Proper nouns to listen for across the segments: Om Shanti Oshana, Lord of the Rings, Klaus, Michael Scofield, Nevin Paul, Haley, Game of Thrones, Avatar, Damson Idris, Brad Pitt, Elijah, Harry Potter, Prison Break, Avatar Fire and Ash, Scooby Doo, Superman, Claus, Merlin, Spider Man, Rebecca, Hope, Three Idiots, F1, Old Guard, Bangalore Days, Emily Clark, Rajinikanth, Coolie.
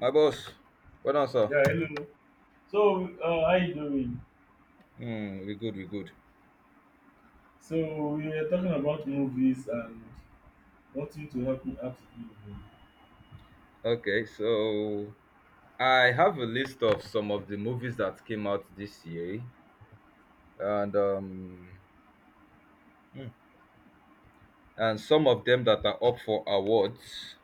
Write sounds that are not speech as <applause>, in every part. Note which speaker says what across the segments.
Speaker 1: My boss, well done, sir.
Speaker 2: Yeah, hello. How you doing?
Speaker 1: Hmm, we good, we good.
Speaker 2: So, we were talking about movies and wanting to help me out with movie.
Speaker 1: Okay, so I have a list of some of the movies that came out this year, and um, hmm, and some of them that are up for awards.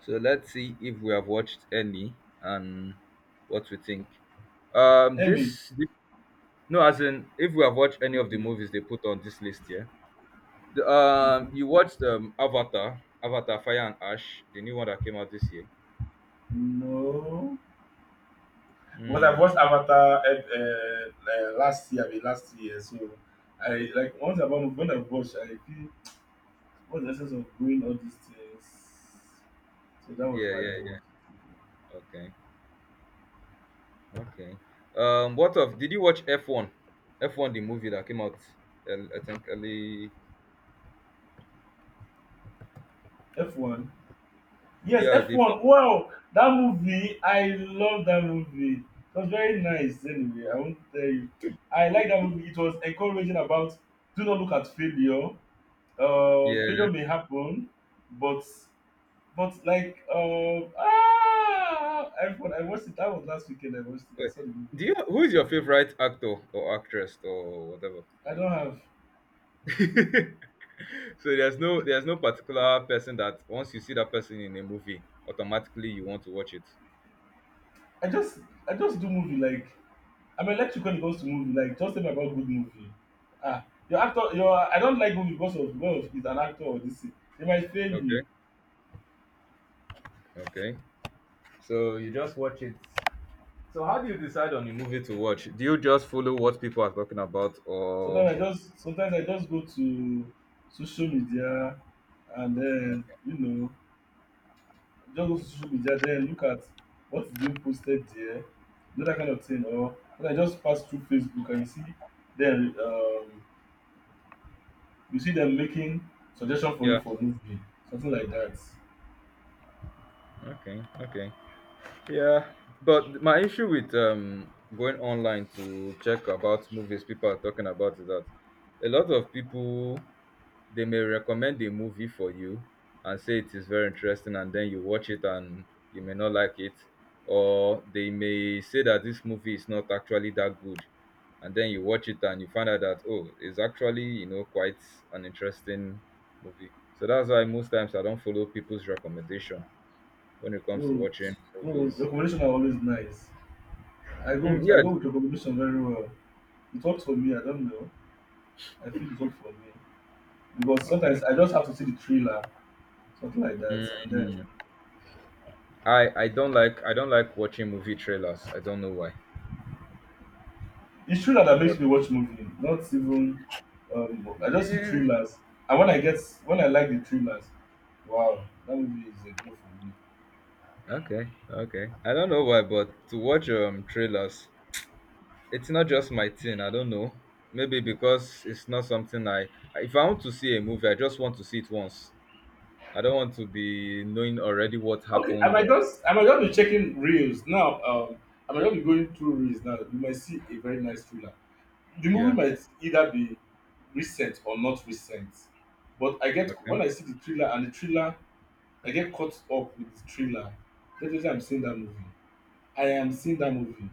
Speaker 1: So let's see if we have watched any and what we think.
Speaker 2: Emmy.
Speaker 1: This No, as in if we have watched any of the
Speaker 2: Okay.
Speaker 1: movies they put on this list here.
Speaker 2: Mhm.
Speaker 1: You watched Avatar, Avatar Fire and Ash, the new one that came out this year.
Speaker 2: No. But I watched
Speaker 1: Hmm.
Speaker 2: Avatar last year, last year. So, I like once about when I watched, I feel what's the essence of doing all these things. So that was
Speaker 1: Yeah,
Speaker 2: why I
Speaker 1: yeah,
Speaker 2: didn't watch
Speaker 1: yeah. Okay, okay. What of? Did you watch F one? F one, the movie that came out. I think early.
Speaker 2: it. F1. Yes,
Speaker 1: Yeah, the fun.
Speaker 2: F1. Wow! That movie, I love that movie. It was very nice anyway, I won't tell you. I like that movie. It was encouraging about do not look at failure.
Speaker 1: Yeah.
Speaker 2: Failure may happen, but but F1, I watched it. That was last weekend I watched it. I
Speaker 1: Wait,
Speaker 2: saw the movie.
Speaker 1: do you? Who is your favorite actor or actress or whatever?
Speaker 2: I don't have.
Speaker 1: <laughs> So there's no particular person that once you see that person in a movie, automatically you want to watch it.
Speaker 2: I just I just do movie like I'm electric when it comes to movie. Like just tell me about good movie. Ah, your actor, your, I don't like movie because of he's an actor or this thing. They might fail you.
Speaker 1: Okay. Okay. So you just watch it. So how do you decide on a movie to watch? Do you just follow what people are talking about, or
Speaker 2: Sometimes I just go to social media and then just go to social media then look at what is being posted there, do that kind of thing. Or then I just pass through Facebook and them um, you see them making suggestion for you
Speaker 1: yeah?
Speaker 2: for movie, something like that.
Speaker 1: Okay. Okay. Yeah, but my issue with going online to check about movies people are talking about is that a lot of people, they may recommend a movie for you and say it is very interesting and then you watch it and you may not like it, or they may say that this movie is not actually that good and then you watch it and you find out that, oh, it's actually, you know, quite an interesting movie. So that's why most times I don't follow people's recommendation when it comes to
Speaker 2: No,
Speaker 1: watching
Speaker 2: no,
Speaker 1: movies.
Speaker 2: recommendation are always nice.
Speaker 1: Mm,
Speaker 2: I
Speaker 1: yeah.
Speaker 2: go with recommendation very well. It works for me. I don't know. I feel it works for me because
Speaker 1: Okay.
Speaker 2: sometimes I just have to see the trailer, something like that, and then
Speaker 1: Mm, I don't like watching movie trailers. I don't know why.
Speaker 2: it's trailer that makes
Speaker 1: But
Speaker 2: me watch movie. Not even I just see
Speaker 1: yeah,
Speaker 2: trailers, and when I get when I like the trailers, wow, that movie is a go for me.
Speaker 1: okay, okay. I don't know why, but to watch trailers, it's not just my thing. I don't know. Maybe because it's not something I. If I want to see a movie, I just want to see it once. I don't want to be knowing already what
Speaker 2: Okay,
Speaker 1: happened. Or
Speaker 2: I might just be checking reels now. I might just be going through reels now. You might see a very nice thriller. The movie
Speaker 1: yeah,
Speaker 2: might either be recent or not recent, but I get when
Speaker 1: okay.
Speaker 2: I see the thriller and the thriller, I get caught up with the thriller. Definitely, I'm seeing that movie. I am seeing that movie.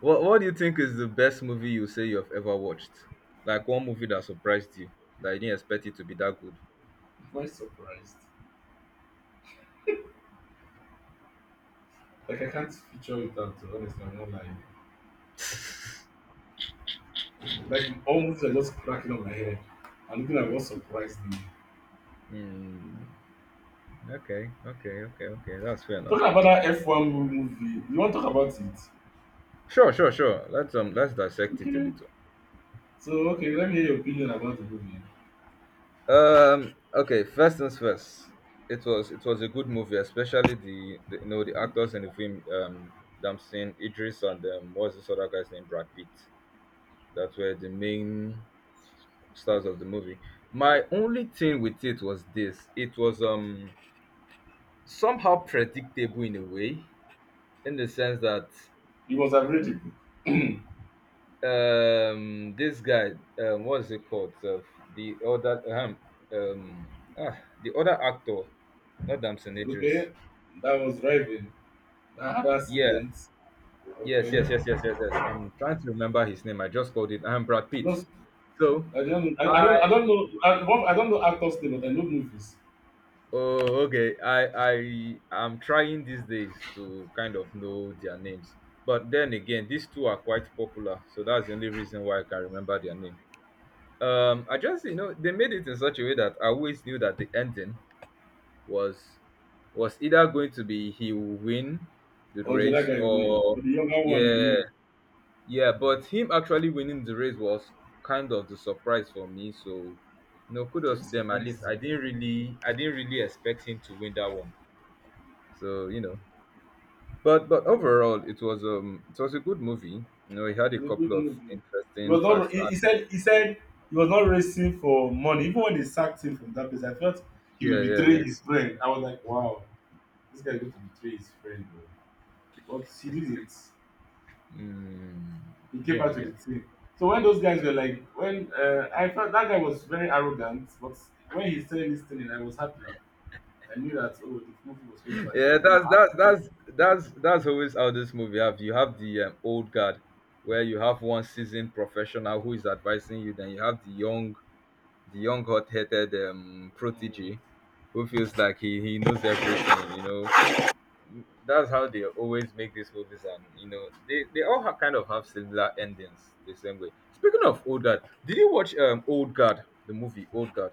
Speaker 1: What do you think is the best movie you say you've ever watched? Like one movie that surprised you, that you didn't expect it to be that good.
Speaker 2: I'm quite surprised. Like I can't picture it out. Honestly, I'm not lying. Like all movies are just cracking on my head. I'm looking at what surprised me.
Speaker 1: Hmm. Okay, okay, okay, okay. That's fair enough.
Speaker 2: Talking about that F1 movie, you want to talk about it?
Speaker 1: Sure, sure, sure. Let's dissect it a
Speaker 2: Okay.
Speaker 1: little.
Speaker 2: So okay, let me hear your opinion about the movie.
Speaker 1: Okay, first things first. It was a good movie, especially the you know, the actors in the film, Damson, Idris, and what's this other guy's name? Brad Pitt. That were the main stars of the movie. My only thing with it was this. It was somehow predictable in a way, in the sense that
Speaker 2: You must have read it.
Speaker 1: this guy, what's it called, the other um, um the other actor, not Damson Idris.
Speaker 2: Okay, that was driving, that
Speaker 1: Yeah,
Speaker 2: accident.
Speaker 1: yes yes
Speaker 2: Okay.
Speaker 1: yes yes yes yes I'm trying to remember his name. I just called it. I'm Brad
Speaker 2: No,
Speaker 1: Pitt. So I,
Speaker 2: I don't know I, what- I don't know actors name, but I know movies.
Speaker 1: oh, okay, I am trying these days to kind of know their names, but then again, these two are quite popular, so that's the only reason why I can remember their name. I just, you know, they made it in such a way that I always knew that the ending was was either going to be he will win the
Speaker 2: Or the other
Speaker 1: race
Speaker 2: guy Will.
Speaker 1: or,
Speaker 2: Or the younger one
Speaker 1: yeah
Speaker 2: Will.
Speaker 1: yeah, but him actually winning the race was kind of the surprise for me. So, no,
Speaker 2: They
Speaker 1: kudos to them. At
Speaker 2: surprised
Speaker 1: least I
Speaker 2: me.
Speaker 1: didn't really, I didn't really expect him to win that one. So, you know, but overall it was, it was a good movie. You know, it had
Speaker 2: It
Speaker 1: a
Speaker 2: was a good
Speaker 1: couple of
Speaker 2: movie.
Speaker 1: interesting facts
Speaker 2: He
Speaker 1: and
Speaker 2: said he said he was not racing for money. Even when they sacked him from that place, I felt he would
Speaker 1: yeah, yeah,
Speaker 2: betray
Speaker 1: yeah.
Speaker 2: his friend. I was like, wow, this guy is going to betray his friend, bro. But he didn't.
Speaker 1: Mm,
Speaker 2: He came
Speaker 1: yeah,
Speaker 2: back to
Speaker 1: yeah.
Speaker 2: the team. So when those guys were like, when I felt that guy was very arrogant, but when he telling this thing, I was happy. I knew that oh, the movie was going to an
Speaker 1: Yeah,
Speaker 2: end. Then I
Speaker 1: that's
Speaker 2: have
Speaker 1: that's
Speaker 2: to happy.
Speaker 1: that's that's that's always how this movie have. You have the old guard, where you have one seasoned professional who is advising you. Then you have the young hot-headed
Speaker 2: Mm.
Speaker 1: protege, who feels like he knows everything. You know, that's how they always make these movies, and you know, they all have kind of have similar endings the same way. Speaking of old guard, did you watch Old Guard, the movie Old Guard?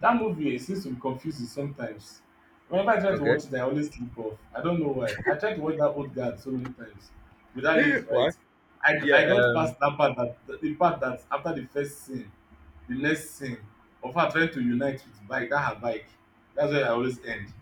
Speaker 2: That movie eh, seems to be confusing sometimes. Whenever I try to
Speaker 1: Okay,
Speaker 2: watch it, I always sleep off. I don't know why. I tried to watch that old guard so many times with that lady,
Speaker 1: <laughs> why?
Speaker 2: right? I,
Speaker 1: Yeah,
Speaker 2: I don't pass that part, that the part that after the first scene, the next scene of her trying to unite with bike, that her bike. That's where I always end.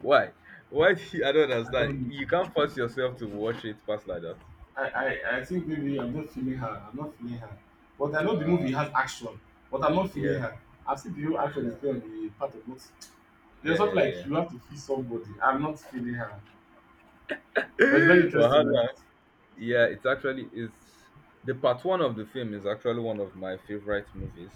Speaker 1: why? Why? I don't
Speaker 2: I
Speaker 1: understand.
Speaker 2: don't know.
Speaker 1: You can't force yourself to watch it past like that.
Speaker 2: I think maybe I'm not feeling her. I'm not feeling her. But I know the
Speaker 1: Uh,
Speaker 2: movie has action, but I'm not feeling
Speaker 1: yeah,
Speaker 2: her. I see the whole action is
Speaker 1: no.
Speaker 2: still on the part of what. There's
Speaker 1: Yeah,
Speaker 2: not
Speaker 1: yeah,
Speaker 2: like
Speaker 1: yeah.
Speaker 2: you have to feel somebody. I'm not feeling her. But it's very
Speaker 1: <laughs>
Speaker 2: interesting, right?
Speaker 1: Wahala. Yeah, it's actually it's, the part one of the film is actually one of my favorite movies,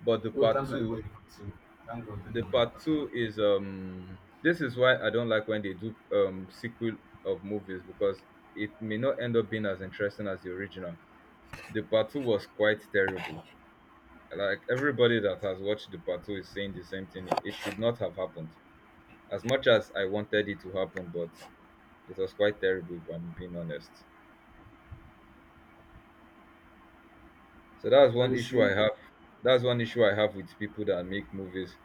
Speaker 1: but
Speaker 2: Oh, thank God everybody got to know. Thank God
Speaker 1: the
Speaker 2: everybody
Speaker 1: part
Speaker 2: got to know.
Speaker 1: two is this is why I don't like when they do sequel of movies, because it may not end up being as interesting as the original. The part two was quite terrible. Like everybody that has watched the battle is saying the same thing. It should not have happened. As much as I wanted it to happen, but it was quite terrible, if I'm being honest. So that's
Speaker 2: So
Speaker 1: one
Speaker 2: you
Speaker 1: issue
Speaker 2: see,
Speaker 1: I have. That's one issue I have with people that make movies.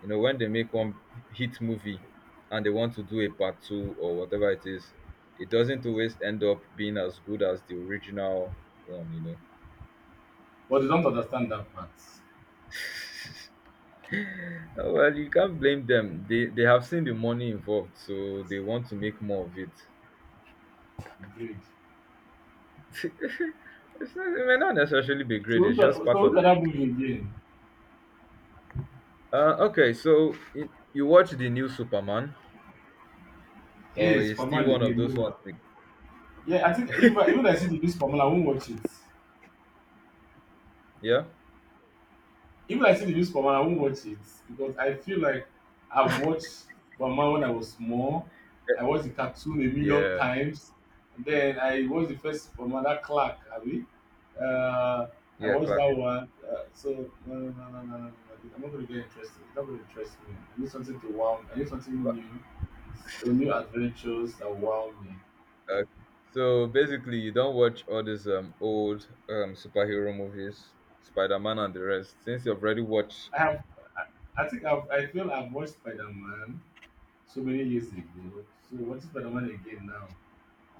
Speaker 1: You know, when they make one hit movie and they want to do a part two or whatever it is, it doesn't always end up being as good as the original one, you know.
Speaker 2: but they don't understand that part.
Speaker 1: Well, you can't blame them. They have seen the money involved, so they want to make more of it.
Speaker 2: Great.
Speaker 1: <laughs> It's not, it may not necessarily be great. It's just
Speaker 2: So
Speaker 1: part
Speaker 2: look
Speaker 1: of
Speaker 2: at
Speaker 1: it.
Speaker 2: that movie again.
Speaker 1: Okay, so you watch the new Superman, or
Speaker 2: Yes,
Speaker 1: is still
Speaker 2: Superman
Speaker 1: one of
Speaker 2: again.
Speaker 1: those
Speaker 2: Move on.
Speaker 1: ones that-
Speaker 2: Yeah, I think even I see the new Superman, I won't watch it.
Speaker 1: Yeah,
Speaker 2: If I see the new Superman, I won't watch it because I feel like I've watched Superman when I was small. I watched the cartoon a million
Speaker 1: yeah,
Speaker 2: times. And then I watched the first Superman, that Clark, Abi. Uh, I
Speaker 1: yeah.
Speaker 2: watched
Speaker 1: Clark.
Speaker 2: that
Speaker 1: Kent.
Speaker 2: one. So, no, no, no, no, no, no, no. I'm not going to get interested. It's not going to interest me. I need something to wow me. I need something new. So, new adventures that wow me.
Speaker 1: Okay. So basically, you don't watch all these old superhero movies, Spider Man and the rest, since you've already watched.
Speaker 2: I have, I feel I've watched Spider Man so many years ago. So, watching Spider Man again now,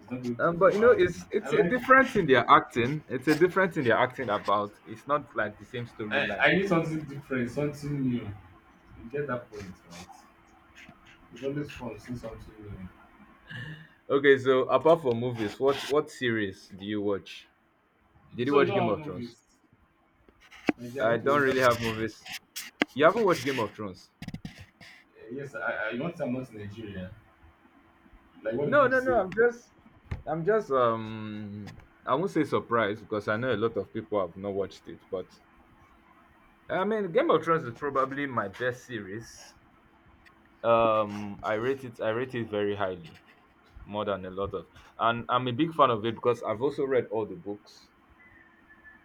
Speaker 2: it's not going to
Speaker 1: But you know,
Speaker 2: wow me. I
Speaker 1: it's a
Speaker 2: like it.
Speaker 1: difference in their acting. It's a difference in their acting about. It's not like the same storyline.
Speaker 2: I need something different, something new. You get that point, right? It's always fun seeing something new.
Speaker 1: Okay, so apart from movies, what series do you watch? Did you
Speaker 2: So you
Speaker 1: watch Game
Speaker 2: don't have
Speaker 1: of Thrones?
Speaker 2: movies. Nigeria, I
Speaker 1: I
Speaker 2: want to
Speaker 1: don't
Speaker 2: watch that
Speaker 1: really have
Speaker 2: movie.
Speaker 1: movies. You haven't watched Game of Thrones?
Speaker 2: Eh, yes, I want to say I'm in Nigeria. Like what do
Speaker 1: No,
Speaker 2: people
Speaker 1: no, no.
Speaker 2: say?
Speaker 1: I'm just, um, I won't say surprised, because I know a lot of people have not watched it. But I mean, Game of Thrones is probably my best series. I rate it. I rate it very highly, more than a lot of, and I'm a big fan of it because I've also read all the books.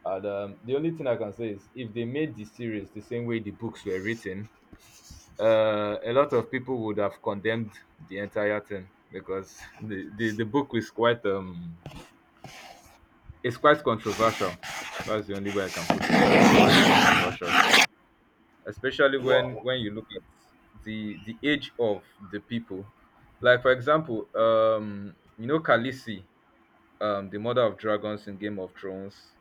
Speaker 1: And the only thing I can say is, if they made the series the same way the books were written, a lot of people would have condemned the entire thing, because the book is quite it's quite controversial. That's the only way I can put it. Controversial. Especially
Speaker 2: Wow,
Speaker 1: when you look at the age of the people. Like for example, you know, Khaleesi, the mother of dragons in Game of Thrones,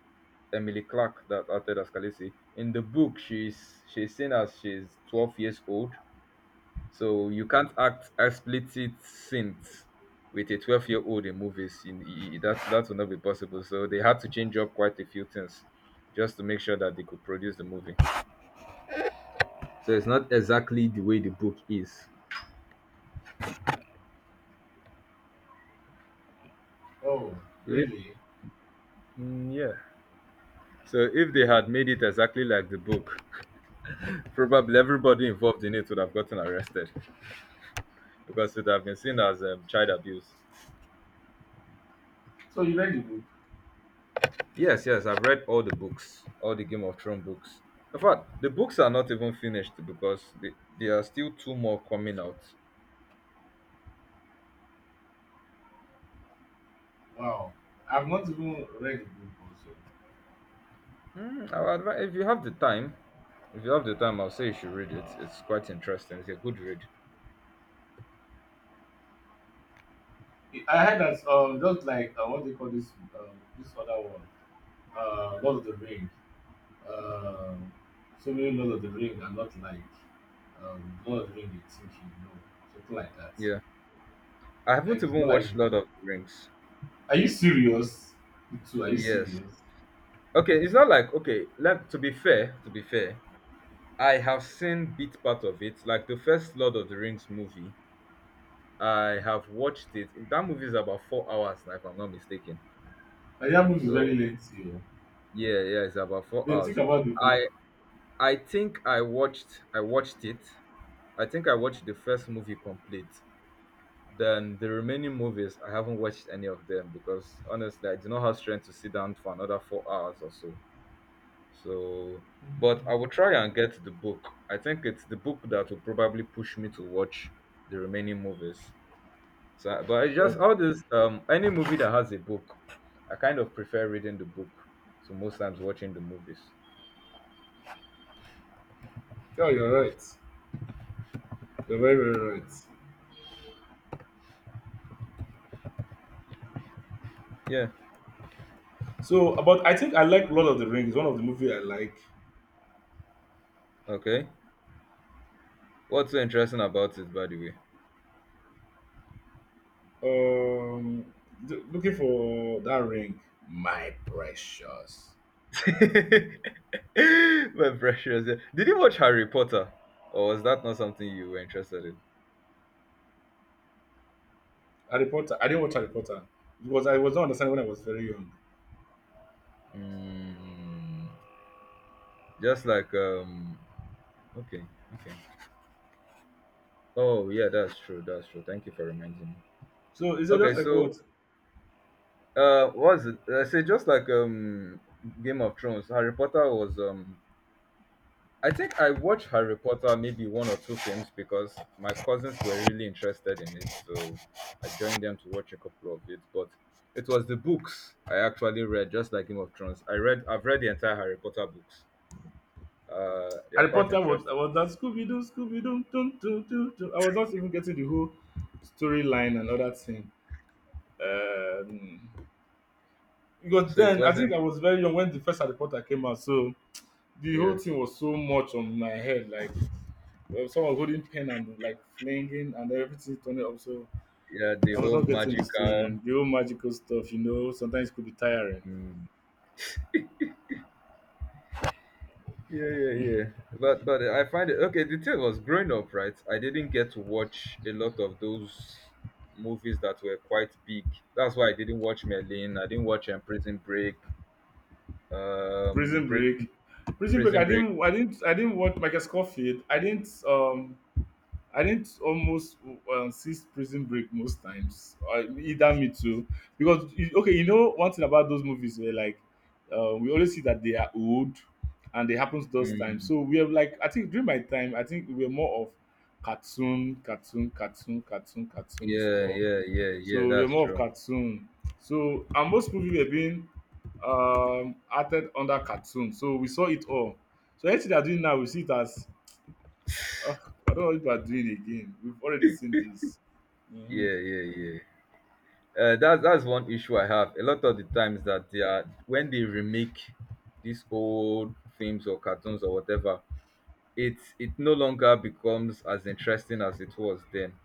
Speaker 1: Emily Clark, that acted as Khaleesi. In the book, she's seen as, she's 12 years old. So you can't act explicit scenes with a 12-year-old in movies. That, that will not be possible. So they had to change up quite a few things just to make sure that they could produce the movie. So it's not exactly the way the book is.
Speaker 2: oh,
Speaker 1: The
Speaker 2: really?
Speaker 1: Mm, yeah. So if they had made it exactly like the book, <laughs> probably everybody involved in it would have gotten arrested, because it would have been seen as child abuse.
Speaker 2: So you read the book?
Speaker 1: Yes, yes, I've read all the books, all the Game of Thrones books. In fact, the books are not even finished because there are still two more coming out.
Speaker 2: Wow. I've not even read the book also.
Speaker 1: Mm, I would advise, if you have the time, if you have the time, I'll say you should read it. It's quite interesting. It's a good read.
Speaker 2: I heard that just like what they call this um, this other one, Lord of the Ring. Um, so many Lord of the Ring are not like Lord of the Ring, they think you know, something like that.
Speaker 1: Yeah, I haven't
Speaker 2: Like it's
Speaker 1: even
Speaker 2: not like,
Speaker 1: watched Lord of the Rings.
Speaker 2: are you serious? You too, are you
Speaker 1: Yes.
Speaker 2: serious?
Speaker 1: Okay, it's not like okay. Let to be fair, I have seen bit part of it, like the first Lord of the Rings movie. I have watched it. That movie is about 4 hours, if I'm not mistaken.
Speaker 2: Like that book is
Speaker 1: So
Speaker 2: very lengthy. Oh.
Speaker 1: yeah, yeah, it's about four
Speaker 2: Then think
Speaker 1: hours.
Speaker 2: about the book.
Speaker 1: I I think I watched I watched it. I think I watched the first movie complete. Then the remaining movies, I haven't watched any of them, because honestly, I do not have strength to sit down for another 4 hours or so. So, but I will try and get the book. I think it's the book that will probably push me to watch the remaining movies. So, but it's
Speaker 2: Well,
Speaker 1: just all this any movie that has a book, I kind of prefer reading the book to most times watching the movies.
Speaker 2: yeah, you're right. You're very, very right.
Speaker 1: Yeah.
Speaker 2: So about I think I like Lord of the Rings. It's one of the movie I like.
Speaker 1: Okay. What's so interesting about it, by the way?
Speaker 2: Um, Looking for that ring, my precious.
Speaker 1: <laughs> My precious. Did you watch Harry Potter? Or was that not something you were interested in?
Speaker 2: Harry Potter. I didn't watch Harry Potter because I was not understanding when I was very young.
Speaker 1: Mm, just like, um, okay, okay. Oh, yeah, that's true. That's true. Thank you for reminding me.
Speaker 2: So it's
Speaker 1: Okay,
Speaker 2: just like
Speaker 1: so,
Speaker 2: what?
Speaker 1: what was it? I say, Game of Thrones, Harry Potter was, I think I watched Harry Potter maybe one or two films because my cousins were really interested in it, so I joined them to watch a couple of it. But it was the books I actually read, just like Game of Thrones. I read, I've read the entire Harry Potter books. They are
Speaker 2: Harry
Speaker 1: quite
Speaker 2: Potter was, I
Speaker 1: interesting.
Speaker 2: was that Scooby Doo, Scooby Doo, dun, dun, dun, dun. I was not even getting the whole storyline and all that thing. Um, because
Speaker 1: So it
Speaker 2: then I think
Speaker 1: wasn't,
Speaker 2: I was very young when the first Harry Potter came out, so the
Speaker 1: yeah,
Speaker 2: whole thing was so much on my head. Like someone holding pen and like flinging and everything turning up. So
Speaker 1: yeah, the
Speaker 2: I was
Speaker 1: whole
Speaker 2: not getting the story.
Speaker 1: magical,
Speaker 2: The whole magical stuff, you know, sometimes it could be tiring.
Speaker 1: mm, yeah, yeah, yeah. But I find it okay. The thing was growing up, right? I didn't get to watch a lot of those movies that were quite big. That's why I didn't watch Merlin. I didn't watch Prison Break. Um,
Speaker 2: Prison
Speaker 1: Break
Speaker 2: Break, Prison Break.
Speaker 1: Prison Break.
Speaker 2: I didn't watch Michael Scofield. I didn't almost see Prison Break most times. I, either me too, because you- okay, you know one thing about those movies where like we always see that they are old and they happen those times.
Speaker 1: Mm,
Speaker 2: So we have like I think during my time, I think we were more of cartoon, cartoon, cartoon, cartoon, cartoon
Speaker 1: yeah,
Speaker 2: stuff.
Speaker 1: yeah, yeah,
Speaker 2: So
Speaker 1: yeah.
Speaker 2: we were
Speaker 1: That's
Speaker 2: more of
Speaker 1: true.
Speaker 2: cartoon. So and most movies were being acted under cartoon. So we saw it all. So anything they're doing now, we see it as ugh, I don't know if we're doing again. We've already seen this. Hmm.
Speaker 1: Yeah, yeah, yeah. That's one issue I have. A lot of the times that they are when they remake these old films or cartoons or whatever, it no longer becomes as interesting as it was then.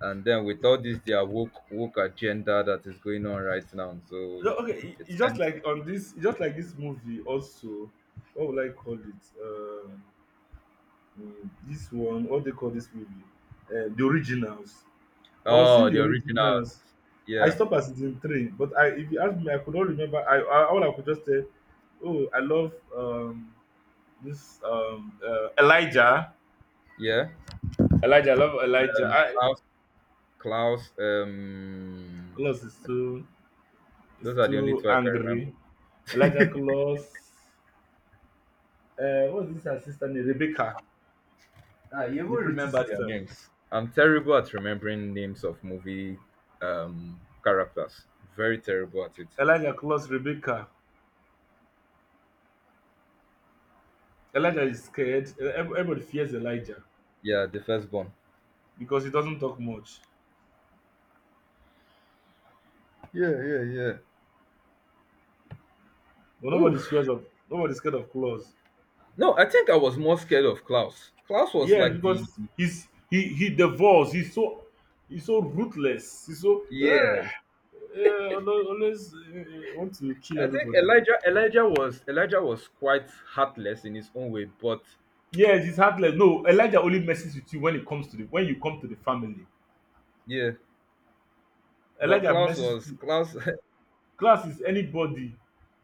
Speaker 1: And then with all this their woke agenda that is going on right now. So
Speaker 2: Okay, it-
Speaker 1: it's
Speaker 2: it's just
Speaker 1: kind.
Speaker 2: like on this, it's just like this movie. Also, what would I call it? This one, what they call this movie? The Originals. I was seeing
Speaker 1: Oh,
Speaker 2: the
Speaker 1: the original.
Speaker 2: Originals. I
Speaker 1: Yeah,
Speaker 2: stopped at season three, but I, if you ask me, I could not remember. I all I could just say, oh, I love this Elijah.
Speaker 1: yeah.
Speaker 2: Elijah, I love Elijah.
Speaker 1: um
Speaker 2: I,
Speaker 1: klaus klaus um
Speaker 2: Los is too, is
Speaker 1: Those are the only
Speaker 2: too
Speaker 1: two I can
Speaker 2: angry.
Speaker 1: remember.
Speaker 2: Elijah Claus. What's this her sister name? Rebecca,
Speaker 1: Ah, you
Speaker 2: the
Speaker 1: will
Speaker 2: pretty
Speaker 1: remember their
Speaker 2: sister.
Speaker 1: names. I'm terrible at remembering names of movie characters. Very terrible at it.
Speaker 2: Elijah Claus, Rebecca. Elijah is scared. Eh, ev- everybody fears Elijah
Speaker 1: Yeah, the firstborn.
Speaker 2: because he doesn't talk much.
Speaker 1: Yeah, yeah, yeah.
Speaker 2: But
Speaker 1: Oof.
Speaker 2: nobody's fears of, nobody's scared of Claus.
Speaker 1: No, I think I was more scared of Klaus. Klaus was
Speaker 2: Yeah,
Speaker 1: like the,
Speaker 2: because he devours. He's so ruthless. He's so eh,
Speaker 1: yeah.
Speaker 2: eh, alwa- always eh, want to kill
Speaker 1: I think
Speaker 2: everybody.
Speaker 1: Elijah Elijah was quite heartless in his own way, but
Speaker 2: Yes, he's heartless. No, Elijah only messes with you when it comes to the, when you come to the family.
Speaker 1: yeah, but
Speaker 2: Elijah
Speaker 1: Klaus
Speaker 2: messes with
Speaker 1: was
Speaker 2: you.
Speaker 1: Klaus.
Speaker 2: Class is anybody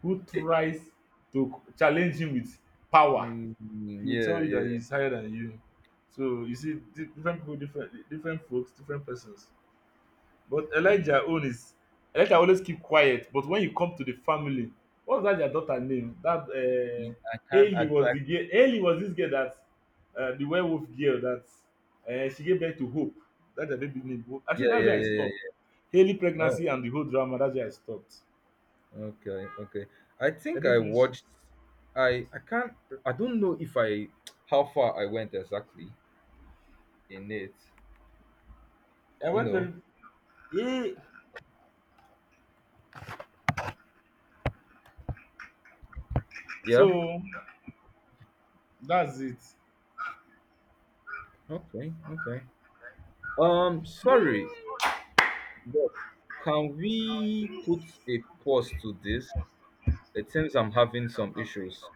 Speaker 2: who
Speaker 1: <laughs>
Speaker 2: tries to challenge him with power.
Speaker 1: Mm,
Speaker 2: He will tell
Speaker 1: yeah,
Speaker 2: you that
Speaker 1: yeah.
Speaker 2: he's higher than you. So you see, di- different people, different different folks, different persons. But
Speaker 1: Mm.
Speaker 2: Elijah own is, Elijah always keep quiet. But when you come to the family, what was that their daughter name? That
Speaker 1: Y- I can't. I,
Speaker 2: Haley
Speaker 1: don't-
Speaker 2: was
Speaker 1: I
Speaker 2: the girl. Haley was this girl that the werewolf girl that she gave birth to Hope. That's the baby name. Hope. I think
Speaker 1: Yeah,
Speaker 2: that's
Speaker 1: yeah,
Speaker 2: where I
Speaker 1: yeah,
Speaker 2: stopped.
Speaker 1: yeah,
Speaker 2: Haley
Speaker 1: yeah. Oh,
Speaker 2: pregnancy and the whole drama. That's where I stopped.
Speaker 1: okay, okay. I
Speaker 2: I
Speaker 1: think
Speaker 2: didn't
Speaker 1: I
Speaker 2: finish it.
Speaker 1: watched. I can't. I don't know if I how far I went exactly in it.
Speaker 2: I
Speaker 1: You
Speaker 2: went
Speaker 1: know.
Speaker 2: very yeah.
Speaker 1: Yeah.
Speaker 2: So that's it.
Speaker 1: Okay. Okay. Sorry. But can we put a pause to this? It seems I'm having some issues.